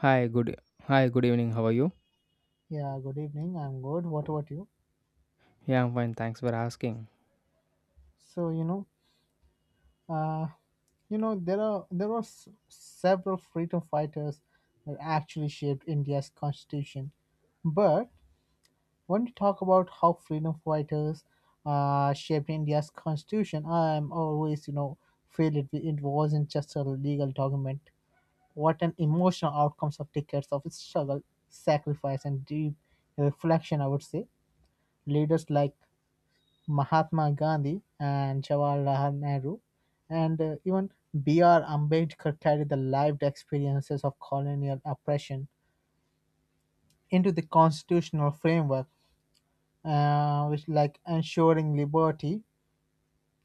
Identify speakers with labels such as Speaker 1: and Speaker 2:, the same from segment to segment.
Speaker 1: Hi, good Hi, good evening. How are you?
Speaker 2: Yeah, good evening. I'm good. What about you?
Speaker 1: Yeah, I'm fine. Thanks for asking.
Speaker 2: So, uh, there were several freedom fighters that actually shaped India's constitution. But when we talk about how freedom fighters shaped India's constitution, I'm always, feel it wasn't just a legal document. What an emotional outcomes of decades of struggle, sacrifice, and deep reflection, I would say. Leaders like Mahatma Gandhi and Jawaharlal Nehru, and even B.R. Ambedkar carried the lived experiences of colonial oppression into the constitutional framework, which like ensuring liberty,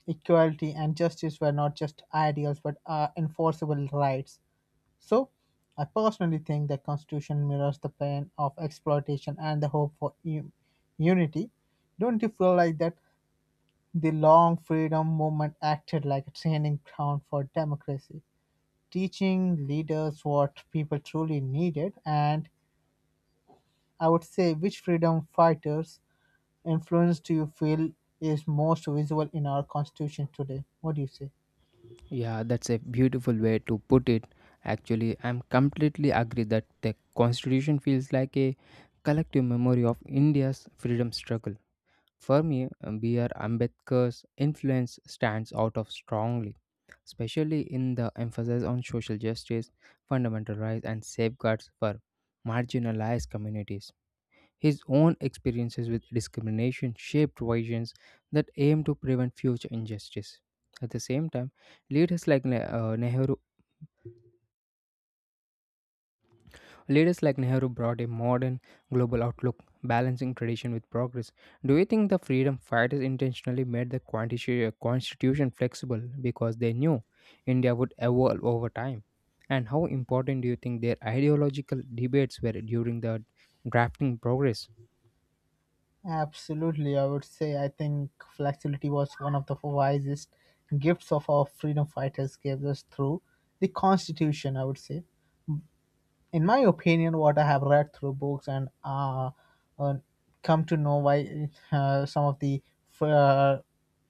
Speaker 2: equality, and justice were not just ideals but are enforceable rights. So, I personally think the Constitution mirrors the pain of exploitation and the hope for unity. Don't you feel like that the long freedom movement acted like a training ground for democracy, teaching leaders what people truly needed? And I would say, which freedom fighters influence do you feel is most visible in our constitution today? What do you say?
Speaker 1: Yeah, that's a beautiful way to put it. Actually, I'm completely agree that the constitution feels like a collective memory of India's freedom struggle. For me, B.R. Ambedkar's influence stands out of strongly, especially in the emphasis on social justice, fundamental rights, and safeguards for marginalized communities. His own experiences with discrimination shaped visions that aim to prevent future injustice. At the same time, leaders like Ne- uh, Nehru, leaders like Nehru brought a modern global outlook, balancing tradition with progress. Do you think the freedom fighters intentionally made the constitution flexible because they knew India would evolve over time? And how important do you think their ideological debates were during the drafting progress?
Speaker 2: Absolutely, I would say I think flexibility was one of the wisest gifts of our freedom fighters gave us through the constitution, I would say. In my opinion, what I have read through books and uh, come to know why some of the uh,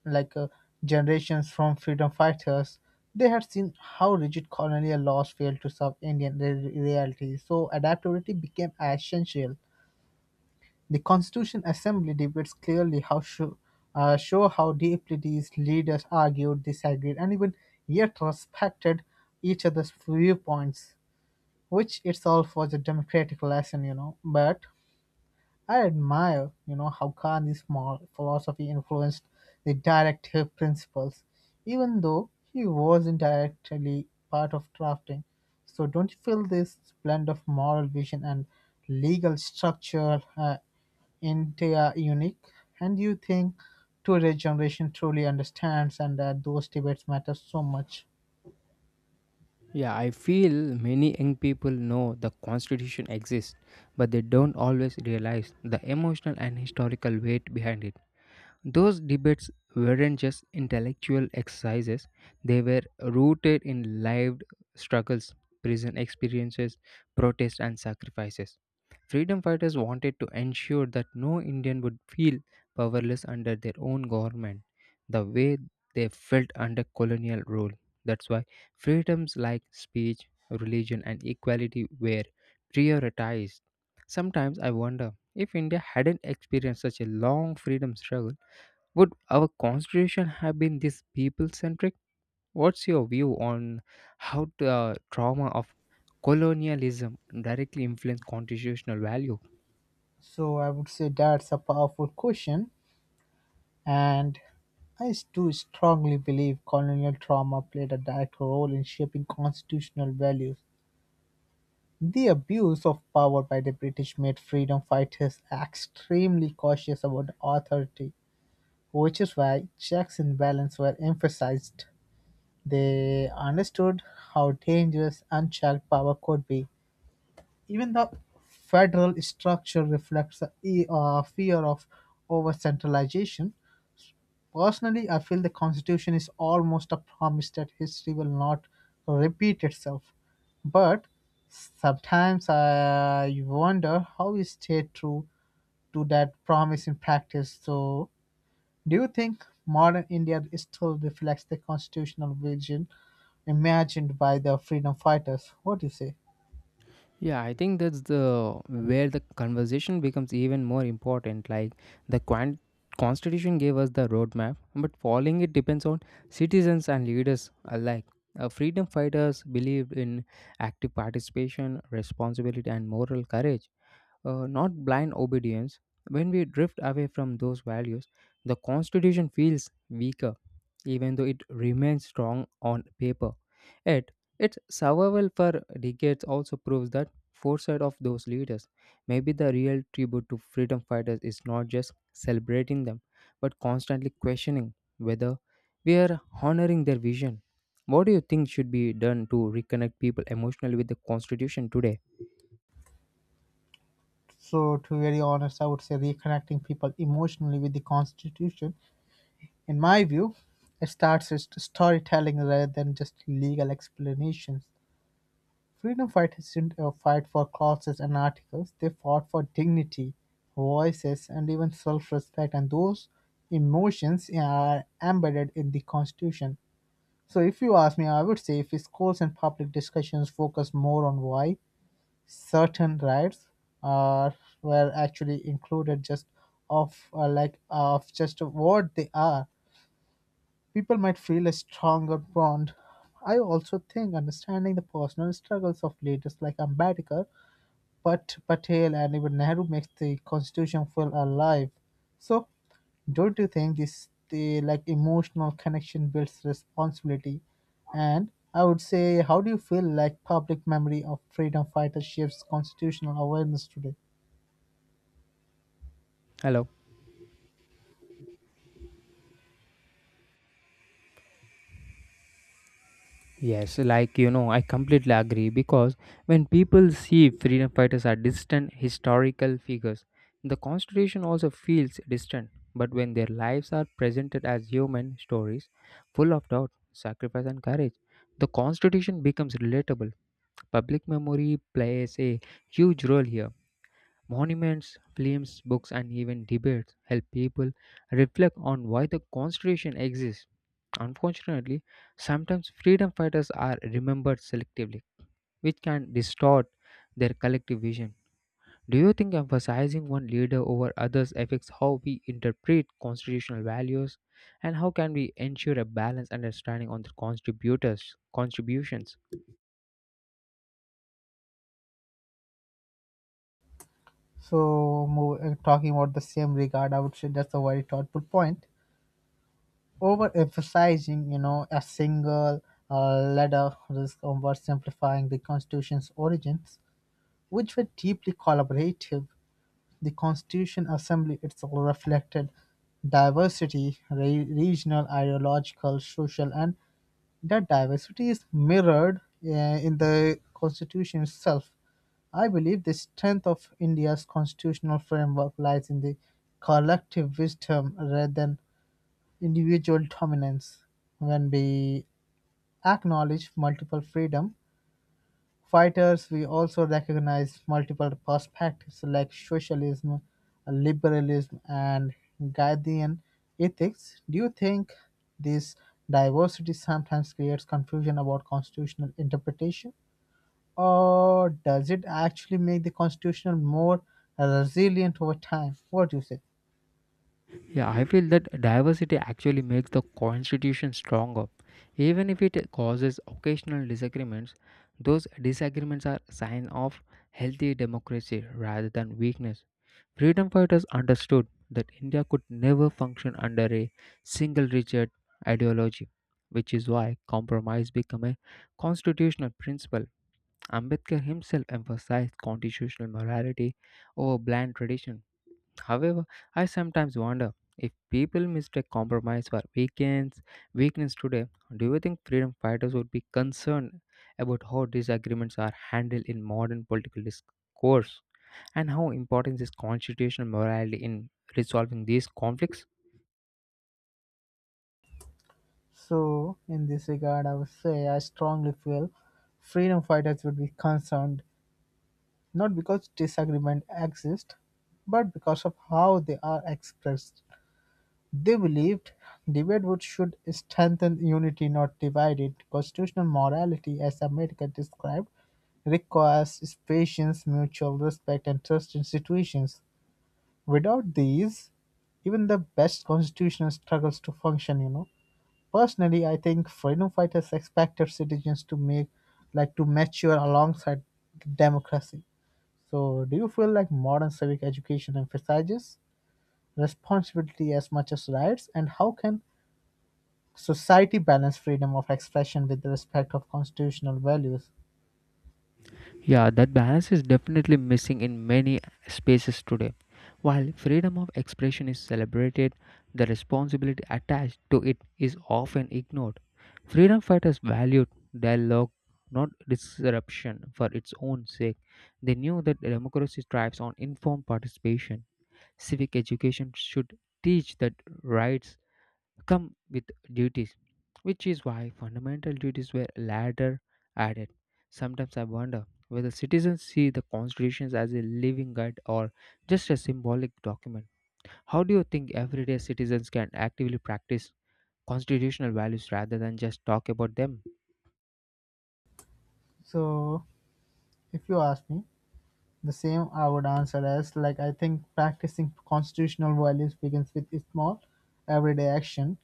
Speaker 2: like uh, generations from freedom fighters they had seen how rigid colonial laws failed to serve Indian reality, so adaptability became essential. The Constitution Assembly debates clearly show how deeply these leaders argued, disagreed, and even yet respected each other's viewpoints which itself was a democratic lesson. But I admire how Gandhi's small philosophy influenced the directive principles, even though he wasn't directly part of drafting. So don't you feel this blend of moral vision and legal structure in unique? And do you think today's generation truly understands and that those debates matter so much?
Speaker 1: Yeah, I feel many young people know the constitution exists, but they don't always realize the emotional and historical weight behind it. Those debates weren't just intellectual exercises, they were rooted in lived struggles, prison experiences, protests, and sacrifices. Freedom fighters wanted to ensure that no Indian would feel powerless under their own government, the way they felt under colonial rule. That's why freedoms like speech, religion, and equality were prioritized. Sometimes I wonder if India hadn't experienced such a long freedom struggle would our constitution have been this people centric? What's your view on how the trauma of colonialism directly influenced constitutional value?
Speaker 2: So I would say that's a powerful question. And I do strongly believe colonial trauma played a direct role in shaping constitutional values. The abuse of power by the British made freedom fighters extremely cautious about authority, which is why checks and balances were emphasized. They understood how dangerous unchecked power could be. Even the federal structure reflects a fear of over centralization. Personally, I feel the Constitution is almost a promise that history will not repeat itself. But sometimes I wonder how we stay true to that promise in practice. So, do you think modern India still reflects the constitutional vision imagined by the freedom fighters? What do you say?
Speaker 1: Yeah, I think that's the where the conversation becomes even more important. Like the constitution gave us the roadmap, but following it depends on citizens and leaders alike. Freedom fighters believed in active participation, responsibility, and moral courage, not blind obedience. When we drift away from those values, the Constitution feels weaker even though it remains strong on paper. Yet, its survival for decades also proves that foresight of those leaders. Maybe the real tribute to freedom fighters is not just celebrating them, but constantly questioning whether we are honoring their vision. What do you think should be done to reconnect people emotionally with the Constitution today?
Speaker 2: So, to be very honest, I would say reconnecting people emotionally with the Constitution. In my view, it starts with storytelling rather than just legal explanations. Freedom fighters didn't fight for clauses and articles, they fought for dignity, voices, and even self respect, and those emotions are embedded in the Constitution. So, if you ask me, I would say if schools and public discussions focus more on why certain rights are were actually included just of just what they are. People might feel a stronger bond. I also think understanding the personal struggles of leaders like Ambedkar, Patel, and even Nehru makes the constitution feel alive. So, don't you think this the like emotional connection builds responsibility? And I would say, how do you feel like public memory of freedom fighters shapes constitutional awareness today?
Speaker 1: Hello. Yes, like you know, I completely agree because when people see freedom fighters are distant historical figures, the Constitution also feels distant. But when their lives are presented as human stories, full of doubt, sacrifice, and courage, the Constitution becomes relatable. Public memory plays a huge role here. Monuments, films, books, and even debates help people reflect on why the Constitution exists. Unfortunately, sometimes freedom fighters are remembered selectively, which can distort their collective vision. Do you think emphasizing one leader over others affects how we interpret constitutional values and how can we ensure a balanced understanding on the contributors contributions?
Speaker 2: So, move, talking about the same regard, I would say that's a very thoughtful point. Overemphasizing a single letter risk oversimplifying the Constitution's origins, which were deeply collaborative. The Constitution Assembly itself reflected diversity, regional, ideological, social, and that diversity is mirrored in the Constitution itself. I believe the strength of India's constitutional framework lies in the collective wisdom rather than individual dominance. When we acknowledge multiple freedom fighters, we also recognize multiple perspectives like socialism, liberalism, and Gandhian ethics. Do you think this diversity sometimes creates confusion about constitutional interpretation? Or does it actually make the constitution more resilient over time? What do you say?
Speaker 1: Yeah, I feel that diversity actually makes the constitution stronger. Even if it causes occasional disagreements, those disagreements are sign of healthy democracy rather than weakness. Freedom fighters understood that India could never function under a single rigid ideology, which is why compromise became a constitutional principle. Ambedkar himself emphasized constitutional morality over bland tradition. However, I sometimes wonder if people mistake compromise for weekends, weakness today, do you think freedom fighters would be concerned about how disagreements are handled in modern political discourse and how important is constitutional morality in resolving these conflicts?
Speaker 2: So, in this regard, I would say I strongly feel freedom fighters would be concerned not because disagreement exists, but because of how they are expressed. They believed debate would should strengthen unity, not divide it. Constitutional morality, as America described, requires patience, mutual respect, and trust in situations. Without these, even the best constitutional struggles to function. Personally, I think freedom fighters expected citizens to make like to mature alongside democracy. So, do you feel like modern civic education emphasizes responsibility as much as rights, and how can society balance freedom of expression with the respect of constitutional values?
Speaker 1: Yeah, that balance is definitely missing in many spaces today. While freedom of expression is celebrated, the responsibility attached to it is often ignored. Freedom fighters valued dialogue, not disruption for its own sake. They knew that democracy thrives on informed participation. Civic education should teach that rights come with duties, which is why fundamental duties were later added. Sometimes I wonder whether citizens see the constitutions as a living guide or just a symbolic document. How do you think everyday citizens can actively practice constitutional values rather than just talk about them?
Speaker 2: So, if you ask me, the same I would answer as like I think practicing constitutional values begins with small everyday action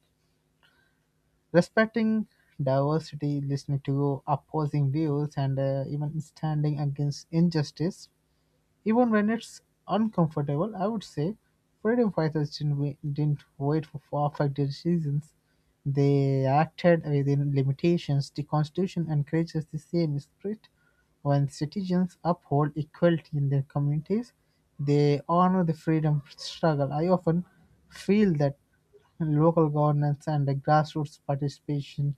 Speaker 2: Respecting diversity, listening to opposing views, and even standing against injustice even when it's uncomfortable, I would say freedom fighters didn't wait for perfect decisions. They acted within limitations. The Constitution encourages the same spirit. When citizens uphold equality in their communities, they honor the freedom struggle. I often feel that local governance and the grassroots participation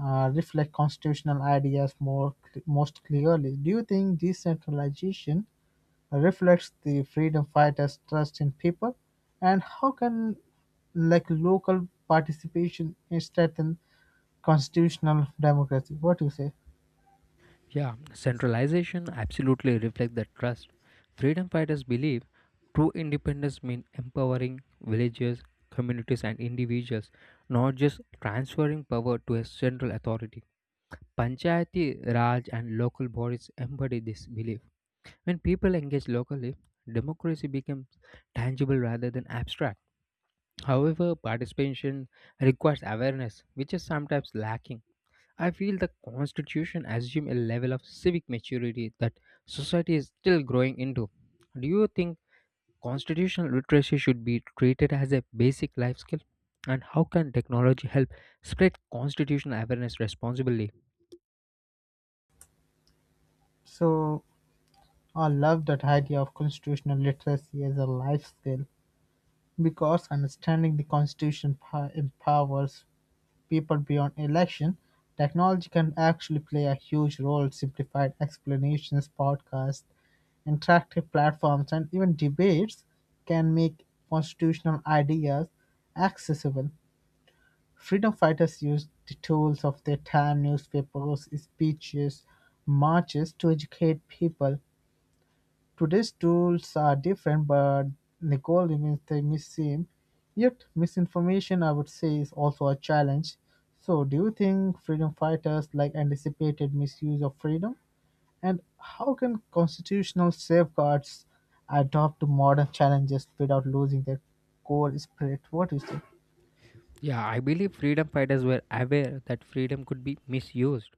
Speaker 2: reflect constitutional ideas most clearly. Do you think decentralization reflects the freedom fighters' trust in people, and how can like local participation strengthen constitutional democracy? What do you say?
Speaker 1: Yeah, centralization absolutely reflects that trust. Freedom fighters believe true independence means empowering villages, communities, and individuals, not just transferring power to a central authority. Panchayati Raj and local bodies embody this belief. When people engage locally, democracy becomes tangible rather than abstract. However, participation requires awareness, which is sometimes lacking. I feel the Constitution assumes a level of civic maturity that society is still growing into. Do you think constitutional literacy should be treated as a basic life skill? And how can technology help spread constitutional awareness responsibly?
Speaker 2: So I love that idea of constitutional literacy as a life skill because understanding the constitution empowers people beyond election. Technology can actually play a huge role. Simplified explanations, podcasts, interactive platforms, and even debates can make constitutional ideas accessible. Freedom fighters used the tools of their time, newspapers, speeches, marches to educate people. Today's tools are different, but the Nicole remains the same. Yet, misinformation, I would say, is also a challenge. So, do you think freedom fighters like anticipated misuse of freedom? And how can constitutional safeguards adapt to modern challenges without losing their core spirit? What is it?
Speaker 1: Yeah, I believe freedom fighters were aware that freedom could be misused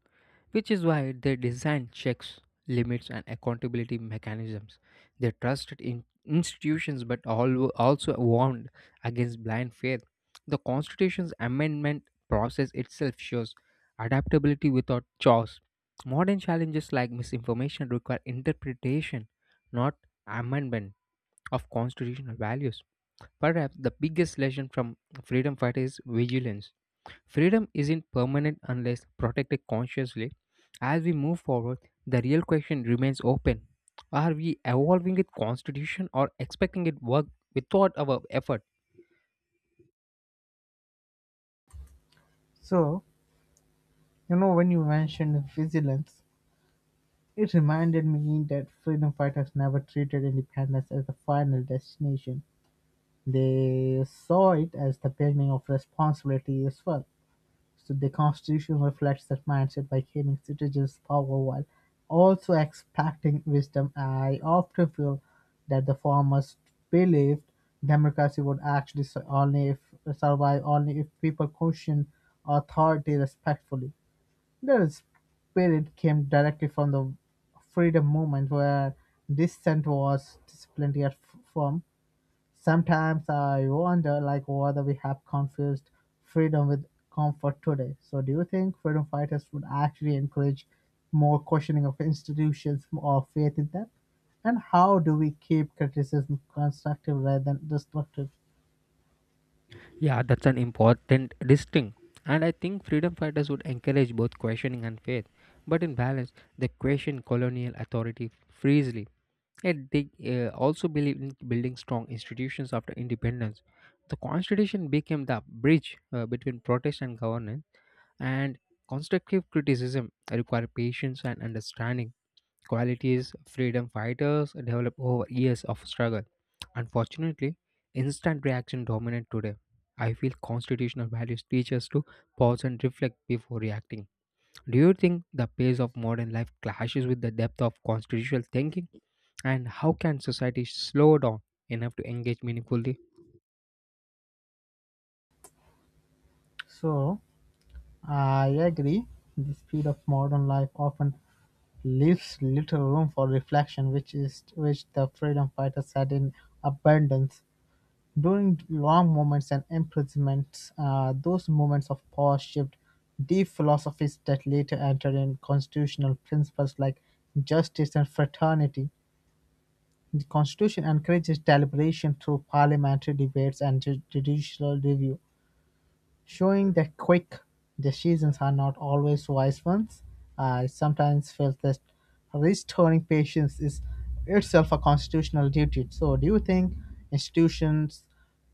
Speaker 1: which is why they designed checks, limits, and accountability mechanisms. They trusted in institutions but also warned against blind faith. The Constitution's amendment process itself shows adaptability without chaos. Modern challenges like misinformation require interpretation, not amendment of constitutional values. Perhaps the biggest lesson from freedom fighters is vigilance. Freedom isn't permanent unless protected consciously. As we move forward, the real question remains open. Are we evolving with constitution or expecting it work without our effort?
Speaker 2: So, when you mentioned vigilance, it reminded me that freedom fighters never treated independence as the final destination. They saw it as the beginning of responsibility as well. So the constitution reflects that mindset by giving citizens power while also expecting wisdom. I often feel that the farmers believed democracy would actually su- only if survive only if people question authority respectfully. Their spirit came directly from the freedom movement where dissent was disciplined yet firm. Sometimes I wonder like whether we have confused freedom with comfort today. So do you think freedom fighters would actually encourage more questioning of institutions or faith in them? And how do we keep criticism constructive rather than destructive?
Speaker 1: Yeah, that's an important distinction. And I think freedom fighters would encourage both questioning and faith. But in balance, they question colonial authority freely. Yet they also believe in building strong institutions after independence. The constitution became the bridge between protest and governance. And constructive criticism requires patience and understanding, qualities freedom fighters develop over years of struggle. Unfortunately, instant reaction dominant today. I feel constitutional values teach us to pause and reflect before reacting. Do you think the pace of modern life clashes with the depth of constitutional thinking? And how can society slow down enough to engage meaningfully?
Speaker 2: So I agree. The speed of modern life often leaves little room for reflection, which the freedom fighters had in abundance. During long moments and imprisonments, those moments of power shaped deep philosophies that later entered in constitutional principles like justice and fraternity. The Constitution encourages deliberation through parliamentary debates and judicial review. Showing the quick decisions are not always wise ones. I sometimes felt that restoring patience is itself a constitutional duty. So, do you think institutions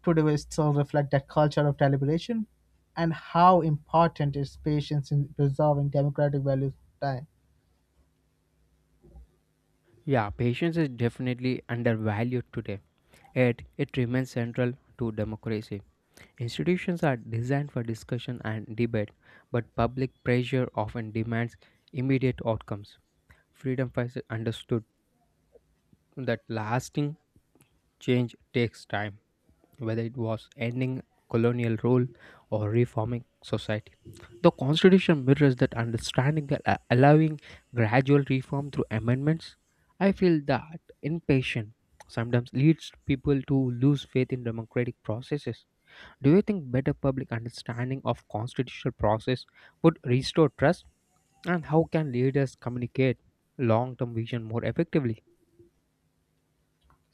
Speaker 2: today will still reflect that culture of deliberation? And how important is patience in preserving democratic values over time?
Speaker 1: Yeah, patience is definitely undervalued today. Yet, it remains central to democracy. Institutions are designed for discussion and debate, but public pressure often demands immediate outcomes. Freedom fighters understood that lasting change takes time, whether it was ending colonial rule or reforming society. The Constitution mirrors that understanding that allowing gradual reform through amendments. I feel that impatience sometimes leads people to lose faith in democratic processes. Do you think better public understanding of constitutional process would restore trust and how can leaders communicate long-term vision more effectively?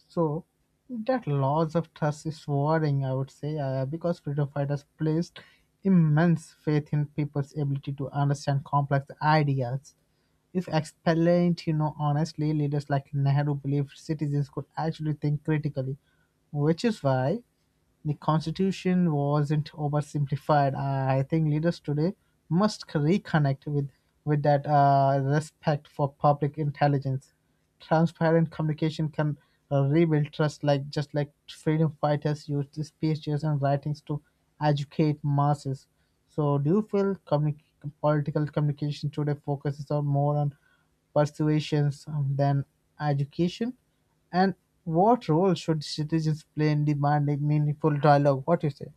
Speaker 2: So that loss of trust is worrying, I would say, because freedom fighters placed immense faith in people's ability to understand complex ideas. If explained, honestly, leaders like Nehru believed citizens could actually think critically, which is why the constitution wasn't oversimplified. I think leaders today must reconnect with that respect for public intelligence. Transparent communication can rebuild trust just like freedom fighters used the speeches and writings to educate masses. So do you feel political communication today focuses on more on persuasions than education, and what role should citizens play in demanding meaningful dialogue? What do you say?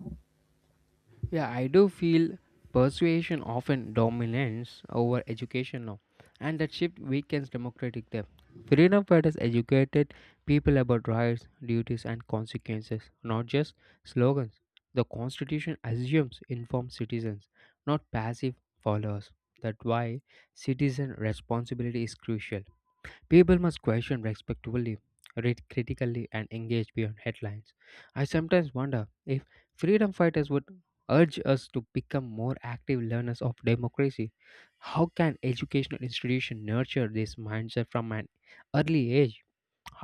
Speaker 1: Yeah, I do feel persuasion often dominates over education now, and that shift weakens democratic depth. Freedom fighters educated people about rights, duties, and consequences, not just slogans. The Constitution assumes informed citizens, not passive followers. That's why citizen responsibility is crucial. People must question respectfully, read critically, and engage beyond headlines. I sometimes wonder if freedom fighters would urge us to become more active learners of democracy. How can educational institutions nurture this mindset from an early age?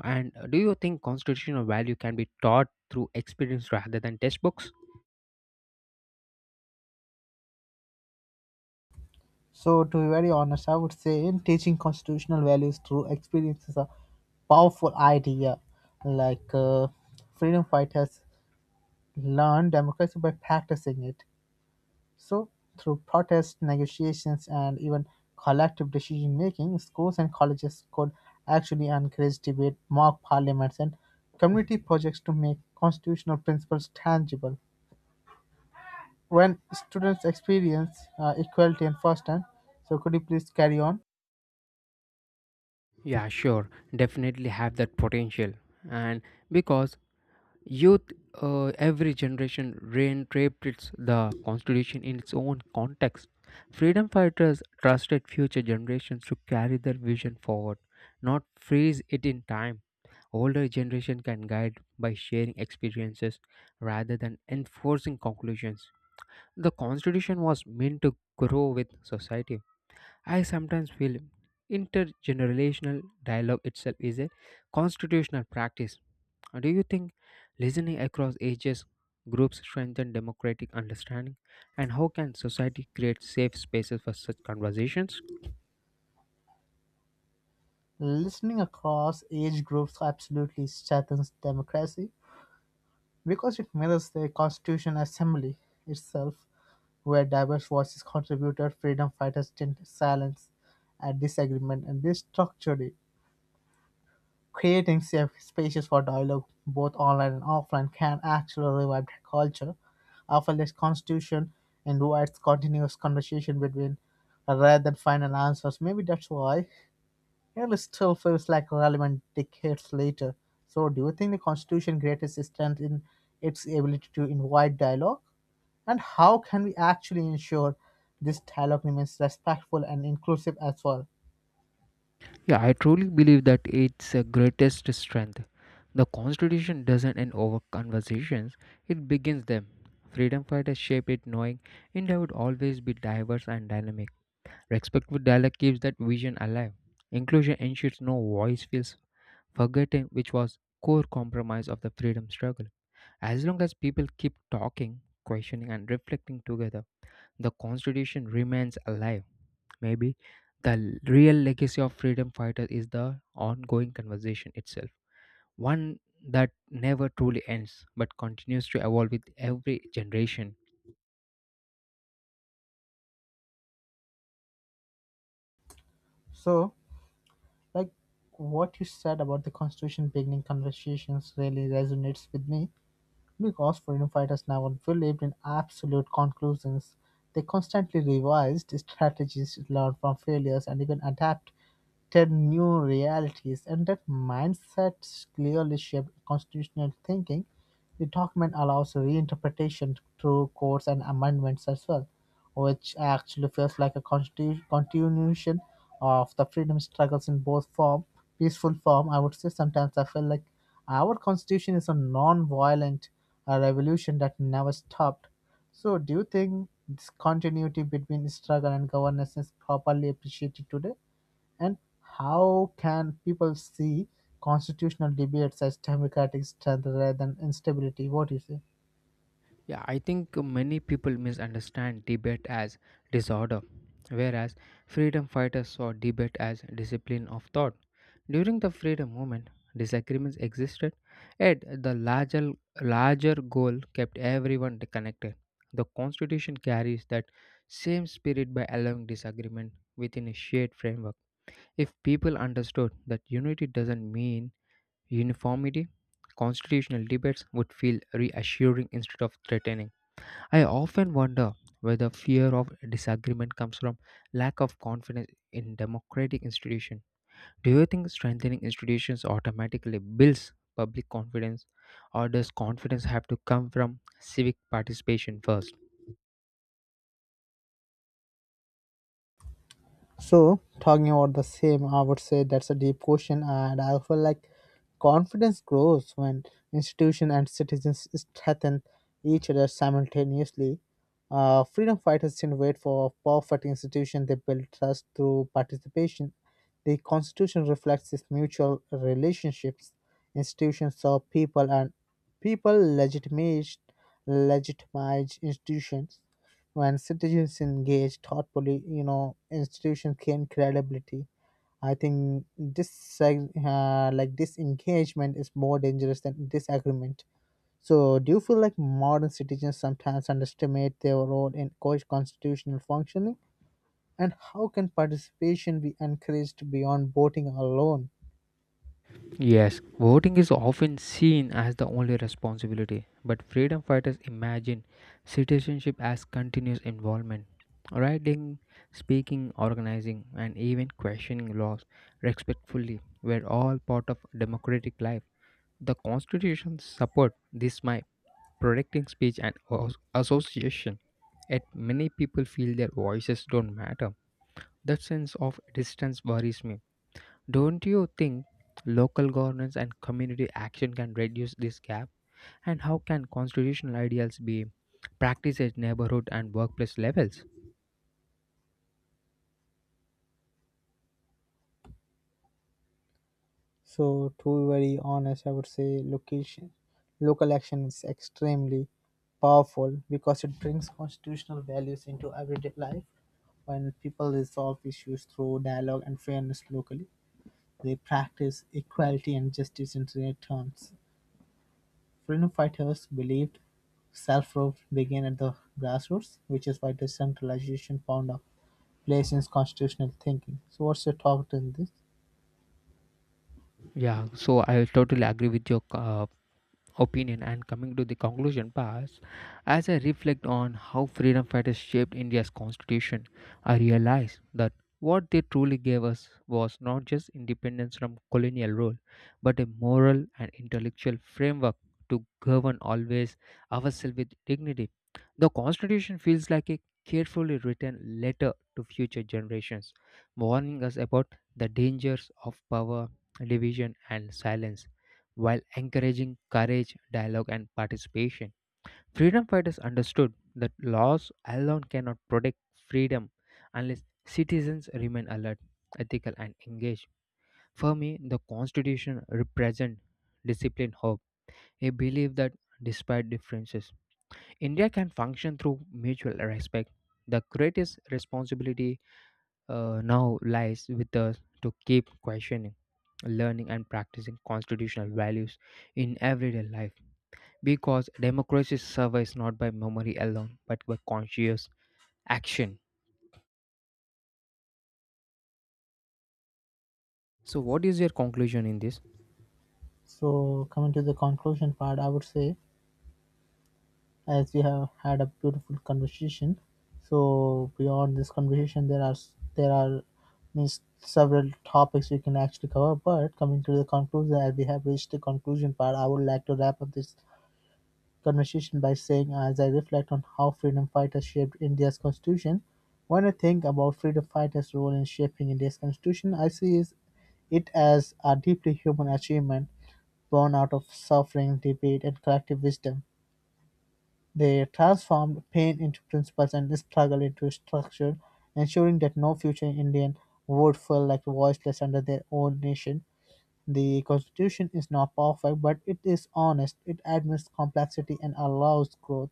Speaker 1: And do you think constitutional value can be taught through experience rather than textbooks?
Speaker 2: So, to be very honest, I would say in teaching constitutional values through experience is a powerful idea. Like freedom fighters learn democracy by practicing it. So, through protests, negotiations, and even collective decision making, schools and colleges could actually encourage debate, mock parliaments, and community projects to make constitutional principles tangible. When students experience equality and first hand, so could you please carry on?
Speaker 1: Yeah, sure, definitely have that potential. And because Youth, every generation reinterprets its the Constitution in its own context. Freedom fighters trusted future generations to carry their vision forward, not freeze it in time. Older generation can guide by sharing experiences rather than enforcing conclusions. The Constitution was meant to grow with society. I sometimes feel intergenerational dialogue itself is a constitutional practice. Do you think listening across ages groups strengthen democratic understanding and how can society create safe spaces for such conversations?
Speaker 2: Listening across age groups absolutely strengthens democracy because it mirrors the Constitution Assembly itself, where diverse voices contributed, freedom fighters didn't silence at disagreement, and this structure, creating safe spaces for dialogue, both online and offline, can actually revive the culture. Our fearless Constitution invites continuous conversation between rather than final answers. Maybe that's why. It still feels like relevant decades later. So, do you think the Constitution greatest is strength in its ability to invite dialogue? And how can we actually ensure this dialogue remains respectful and inclusive as well?
Speaker 1: Yeah, I truly believe that it's a greatest strength. The constitution doesn't end over conversations, it begins them. Freedom fighters shaped it knowing India would always be diverse and dynamic. Respectful dialogue keeps that vision alive. Inclusion ensures no voice feels forgotten, which was core compromise of the freedom struggle. As long as people keep talking, questioning and reflecting together, the constitution remains alive. Maybe the real legacy of freedom fighters is the ongoing conversation itself. One that never truly ends but continues to evolve with every generation.
Speaker 2: So, like what you said about the Constitution beginning conversations really resonates with me, because freedom fighters never believed in absolute conclusions. They constantly revised strategies, learned from failures, and even adapted new realities. And that mindset clearly shaped constitutional thinking. The document allows reinterpretation through courts and amendments as well, which actually feels like a continuation of the freedom struggles in both form, peaceful form. I would say sometimes I feel like our constitution is a non-violent revolution that never stopped. So, do you think this continuity between struggle and governance is properly appreciated today? And how can people see constitutional debates as democratic strength rather than instability? What do you say?
Speaker 1: Yeah, I think many people misunderstand debate as disorder, whereas freedom fighters saw debate as discipline of thought. During the freedom movement, disagreements existed, yet the larger goal kept everyone connected. The constitution carries that same spirit by allowing disagreement within a shared framework. If people understood that unity doesn't mean uniformity, constitutional debates would feel reassuring instead of threatening. I often wonder whether fear of disagreement comes from lack of confidence in democratic institutions. Do you think strengthening institutions automatically builds public confidence, or does confidence have to come from civic participation first?
Speaker 2: So, talking about the same, I would say that's a deep question, and I feel like confidence grows when institution and citizens strengthen each other simultaneously. Freedom fighters didn't wait for a perfect institution; they built trust through participation. The Constitution reflects this mutual relationships. Institutions serve people, and people legitimate legitimize institutions. When citizens engage thoughtfully, you know, institutions gain credibility. I think this like disengagement is more dangerous than disagreement. So, do you feel like modern citizens sometimes underestimate their role in constitutional functioning? And how can participation be encouraged beyond voting alone?
Speaker 1: Yes, voting is often seen as the only responsibility, but freedom fighters imagine citizenship as continuous involvement. Writing, speaking, organizing, and even questioning laws respectfully were all part of democratic life. The Constitution supports this by protecting speech and association. Yet many people feel their voices don't matter. That sense of distance worries me. Don't you think local governance and community action can reduce this gap? And how can constitutional ideals be practiced at neighborhood and workplace levels?
Speaker 2: So, to be very honest, I would say location, local action is extremely powerful because it brings constitutional values into everyday life. When people resolve issues through dialogue and fairness locally, they practice equality and justice in their terms. Freedom fighters believed self-rule began at the grassroots, which is why decentralization found a place in constitutional thinking. So, what's your thought in this?
Speaker 1: Yeah, so I totally agree with your opinion and coming to the conclusion pass, as I reflect on how freedom fighters shaped India's constitution, I realize that what they truly gave us was not just independence from colonial rule, but a moral and intellectual framework to govern always ourselves with dignity. The constitution feels like a carefully written letter to future generations, warning us about the dangers of power division and silence, while encouraging courage, dialogue, and participation. Freedom fighters understood that laws alone cannot protect freedom unless citizens remain alert, ethical, and engaged. For me, the Constitution represents disciplined hope, a belief that despite differences, India can function through mutual respect. The greatest responsibility, now lies with us to keep questioning, learning, and practicing constitutional values in everyday life, because democracy survives not by memory alone but by conscious action. So what is your conclusion in this?
Speaker 2: So, coming to the conclusion part, I would say as we have had a beautiful conversation. So beyond this conversation, there are there are means several topics we can actually cover. But coming to the conclusion, as we have reached the conclusion part, I would like to wrap up this conversation by saying, as I reflect on how freedom fighters shaped India's constitution, when I think about freedom fighters' role in shaping India's constitution, I see is it as a deeply human achievement born out of suffering, debate, and collective wisdom. They transformed pain into principles and struggle into structure, ensuring that no future Indian would feel like voiceless under their own nation. The constitution is not perfect, but it is honest. It admits complexity and allows growth.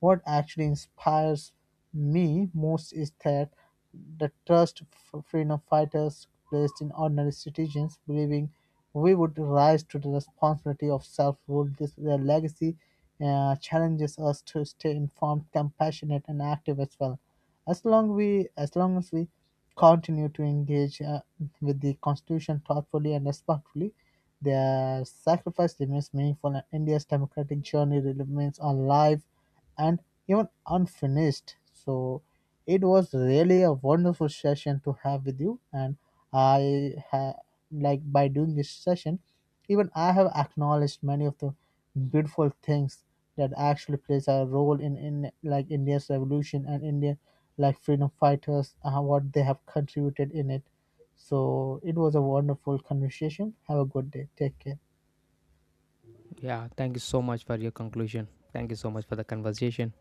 Speaker 2: What actually inspires me most is that the trust freedom fighters placed in ordinary citizens, believing we would rise to the responsibility of self-rule. This their legacy challenges us to stay informed, compassionate, and active as well. As long as we continue to engage with the Constitution thoughtfully and respectfully, their sacrifice remains meaningful, and India's democratic journey remains alive and even unfinished. So, it was really a wonderful session to have with you, and I ha- like by doing this session, even I have acknowledged many of the beautiful things that actually plays a role in like India's revolution and India like freedom fighters what they have contributed in it. So it was a wonderful conversation. Have a good day. Take care.
Speaker 1: Yeah, thank you so much for your conclusion. Thank you so much for the conversation.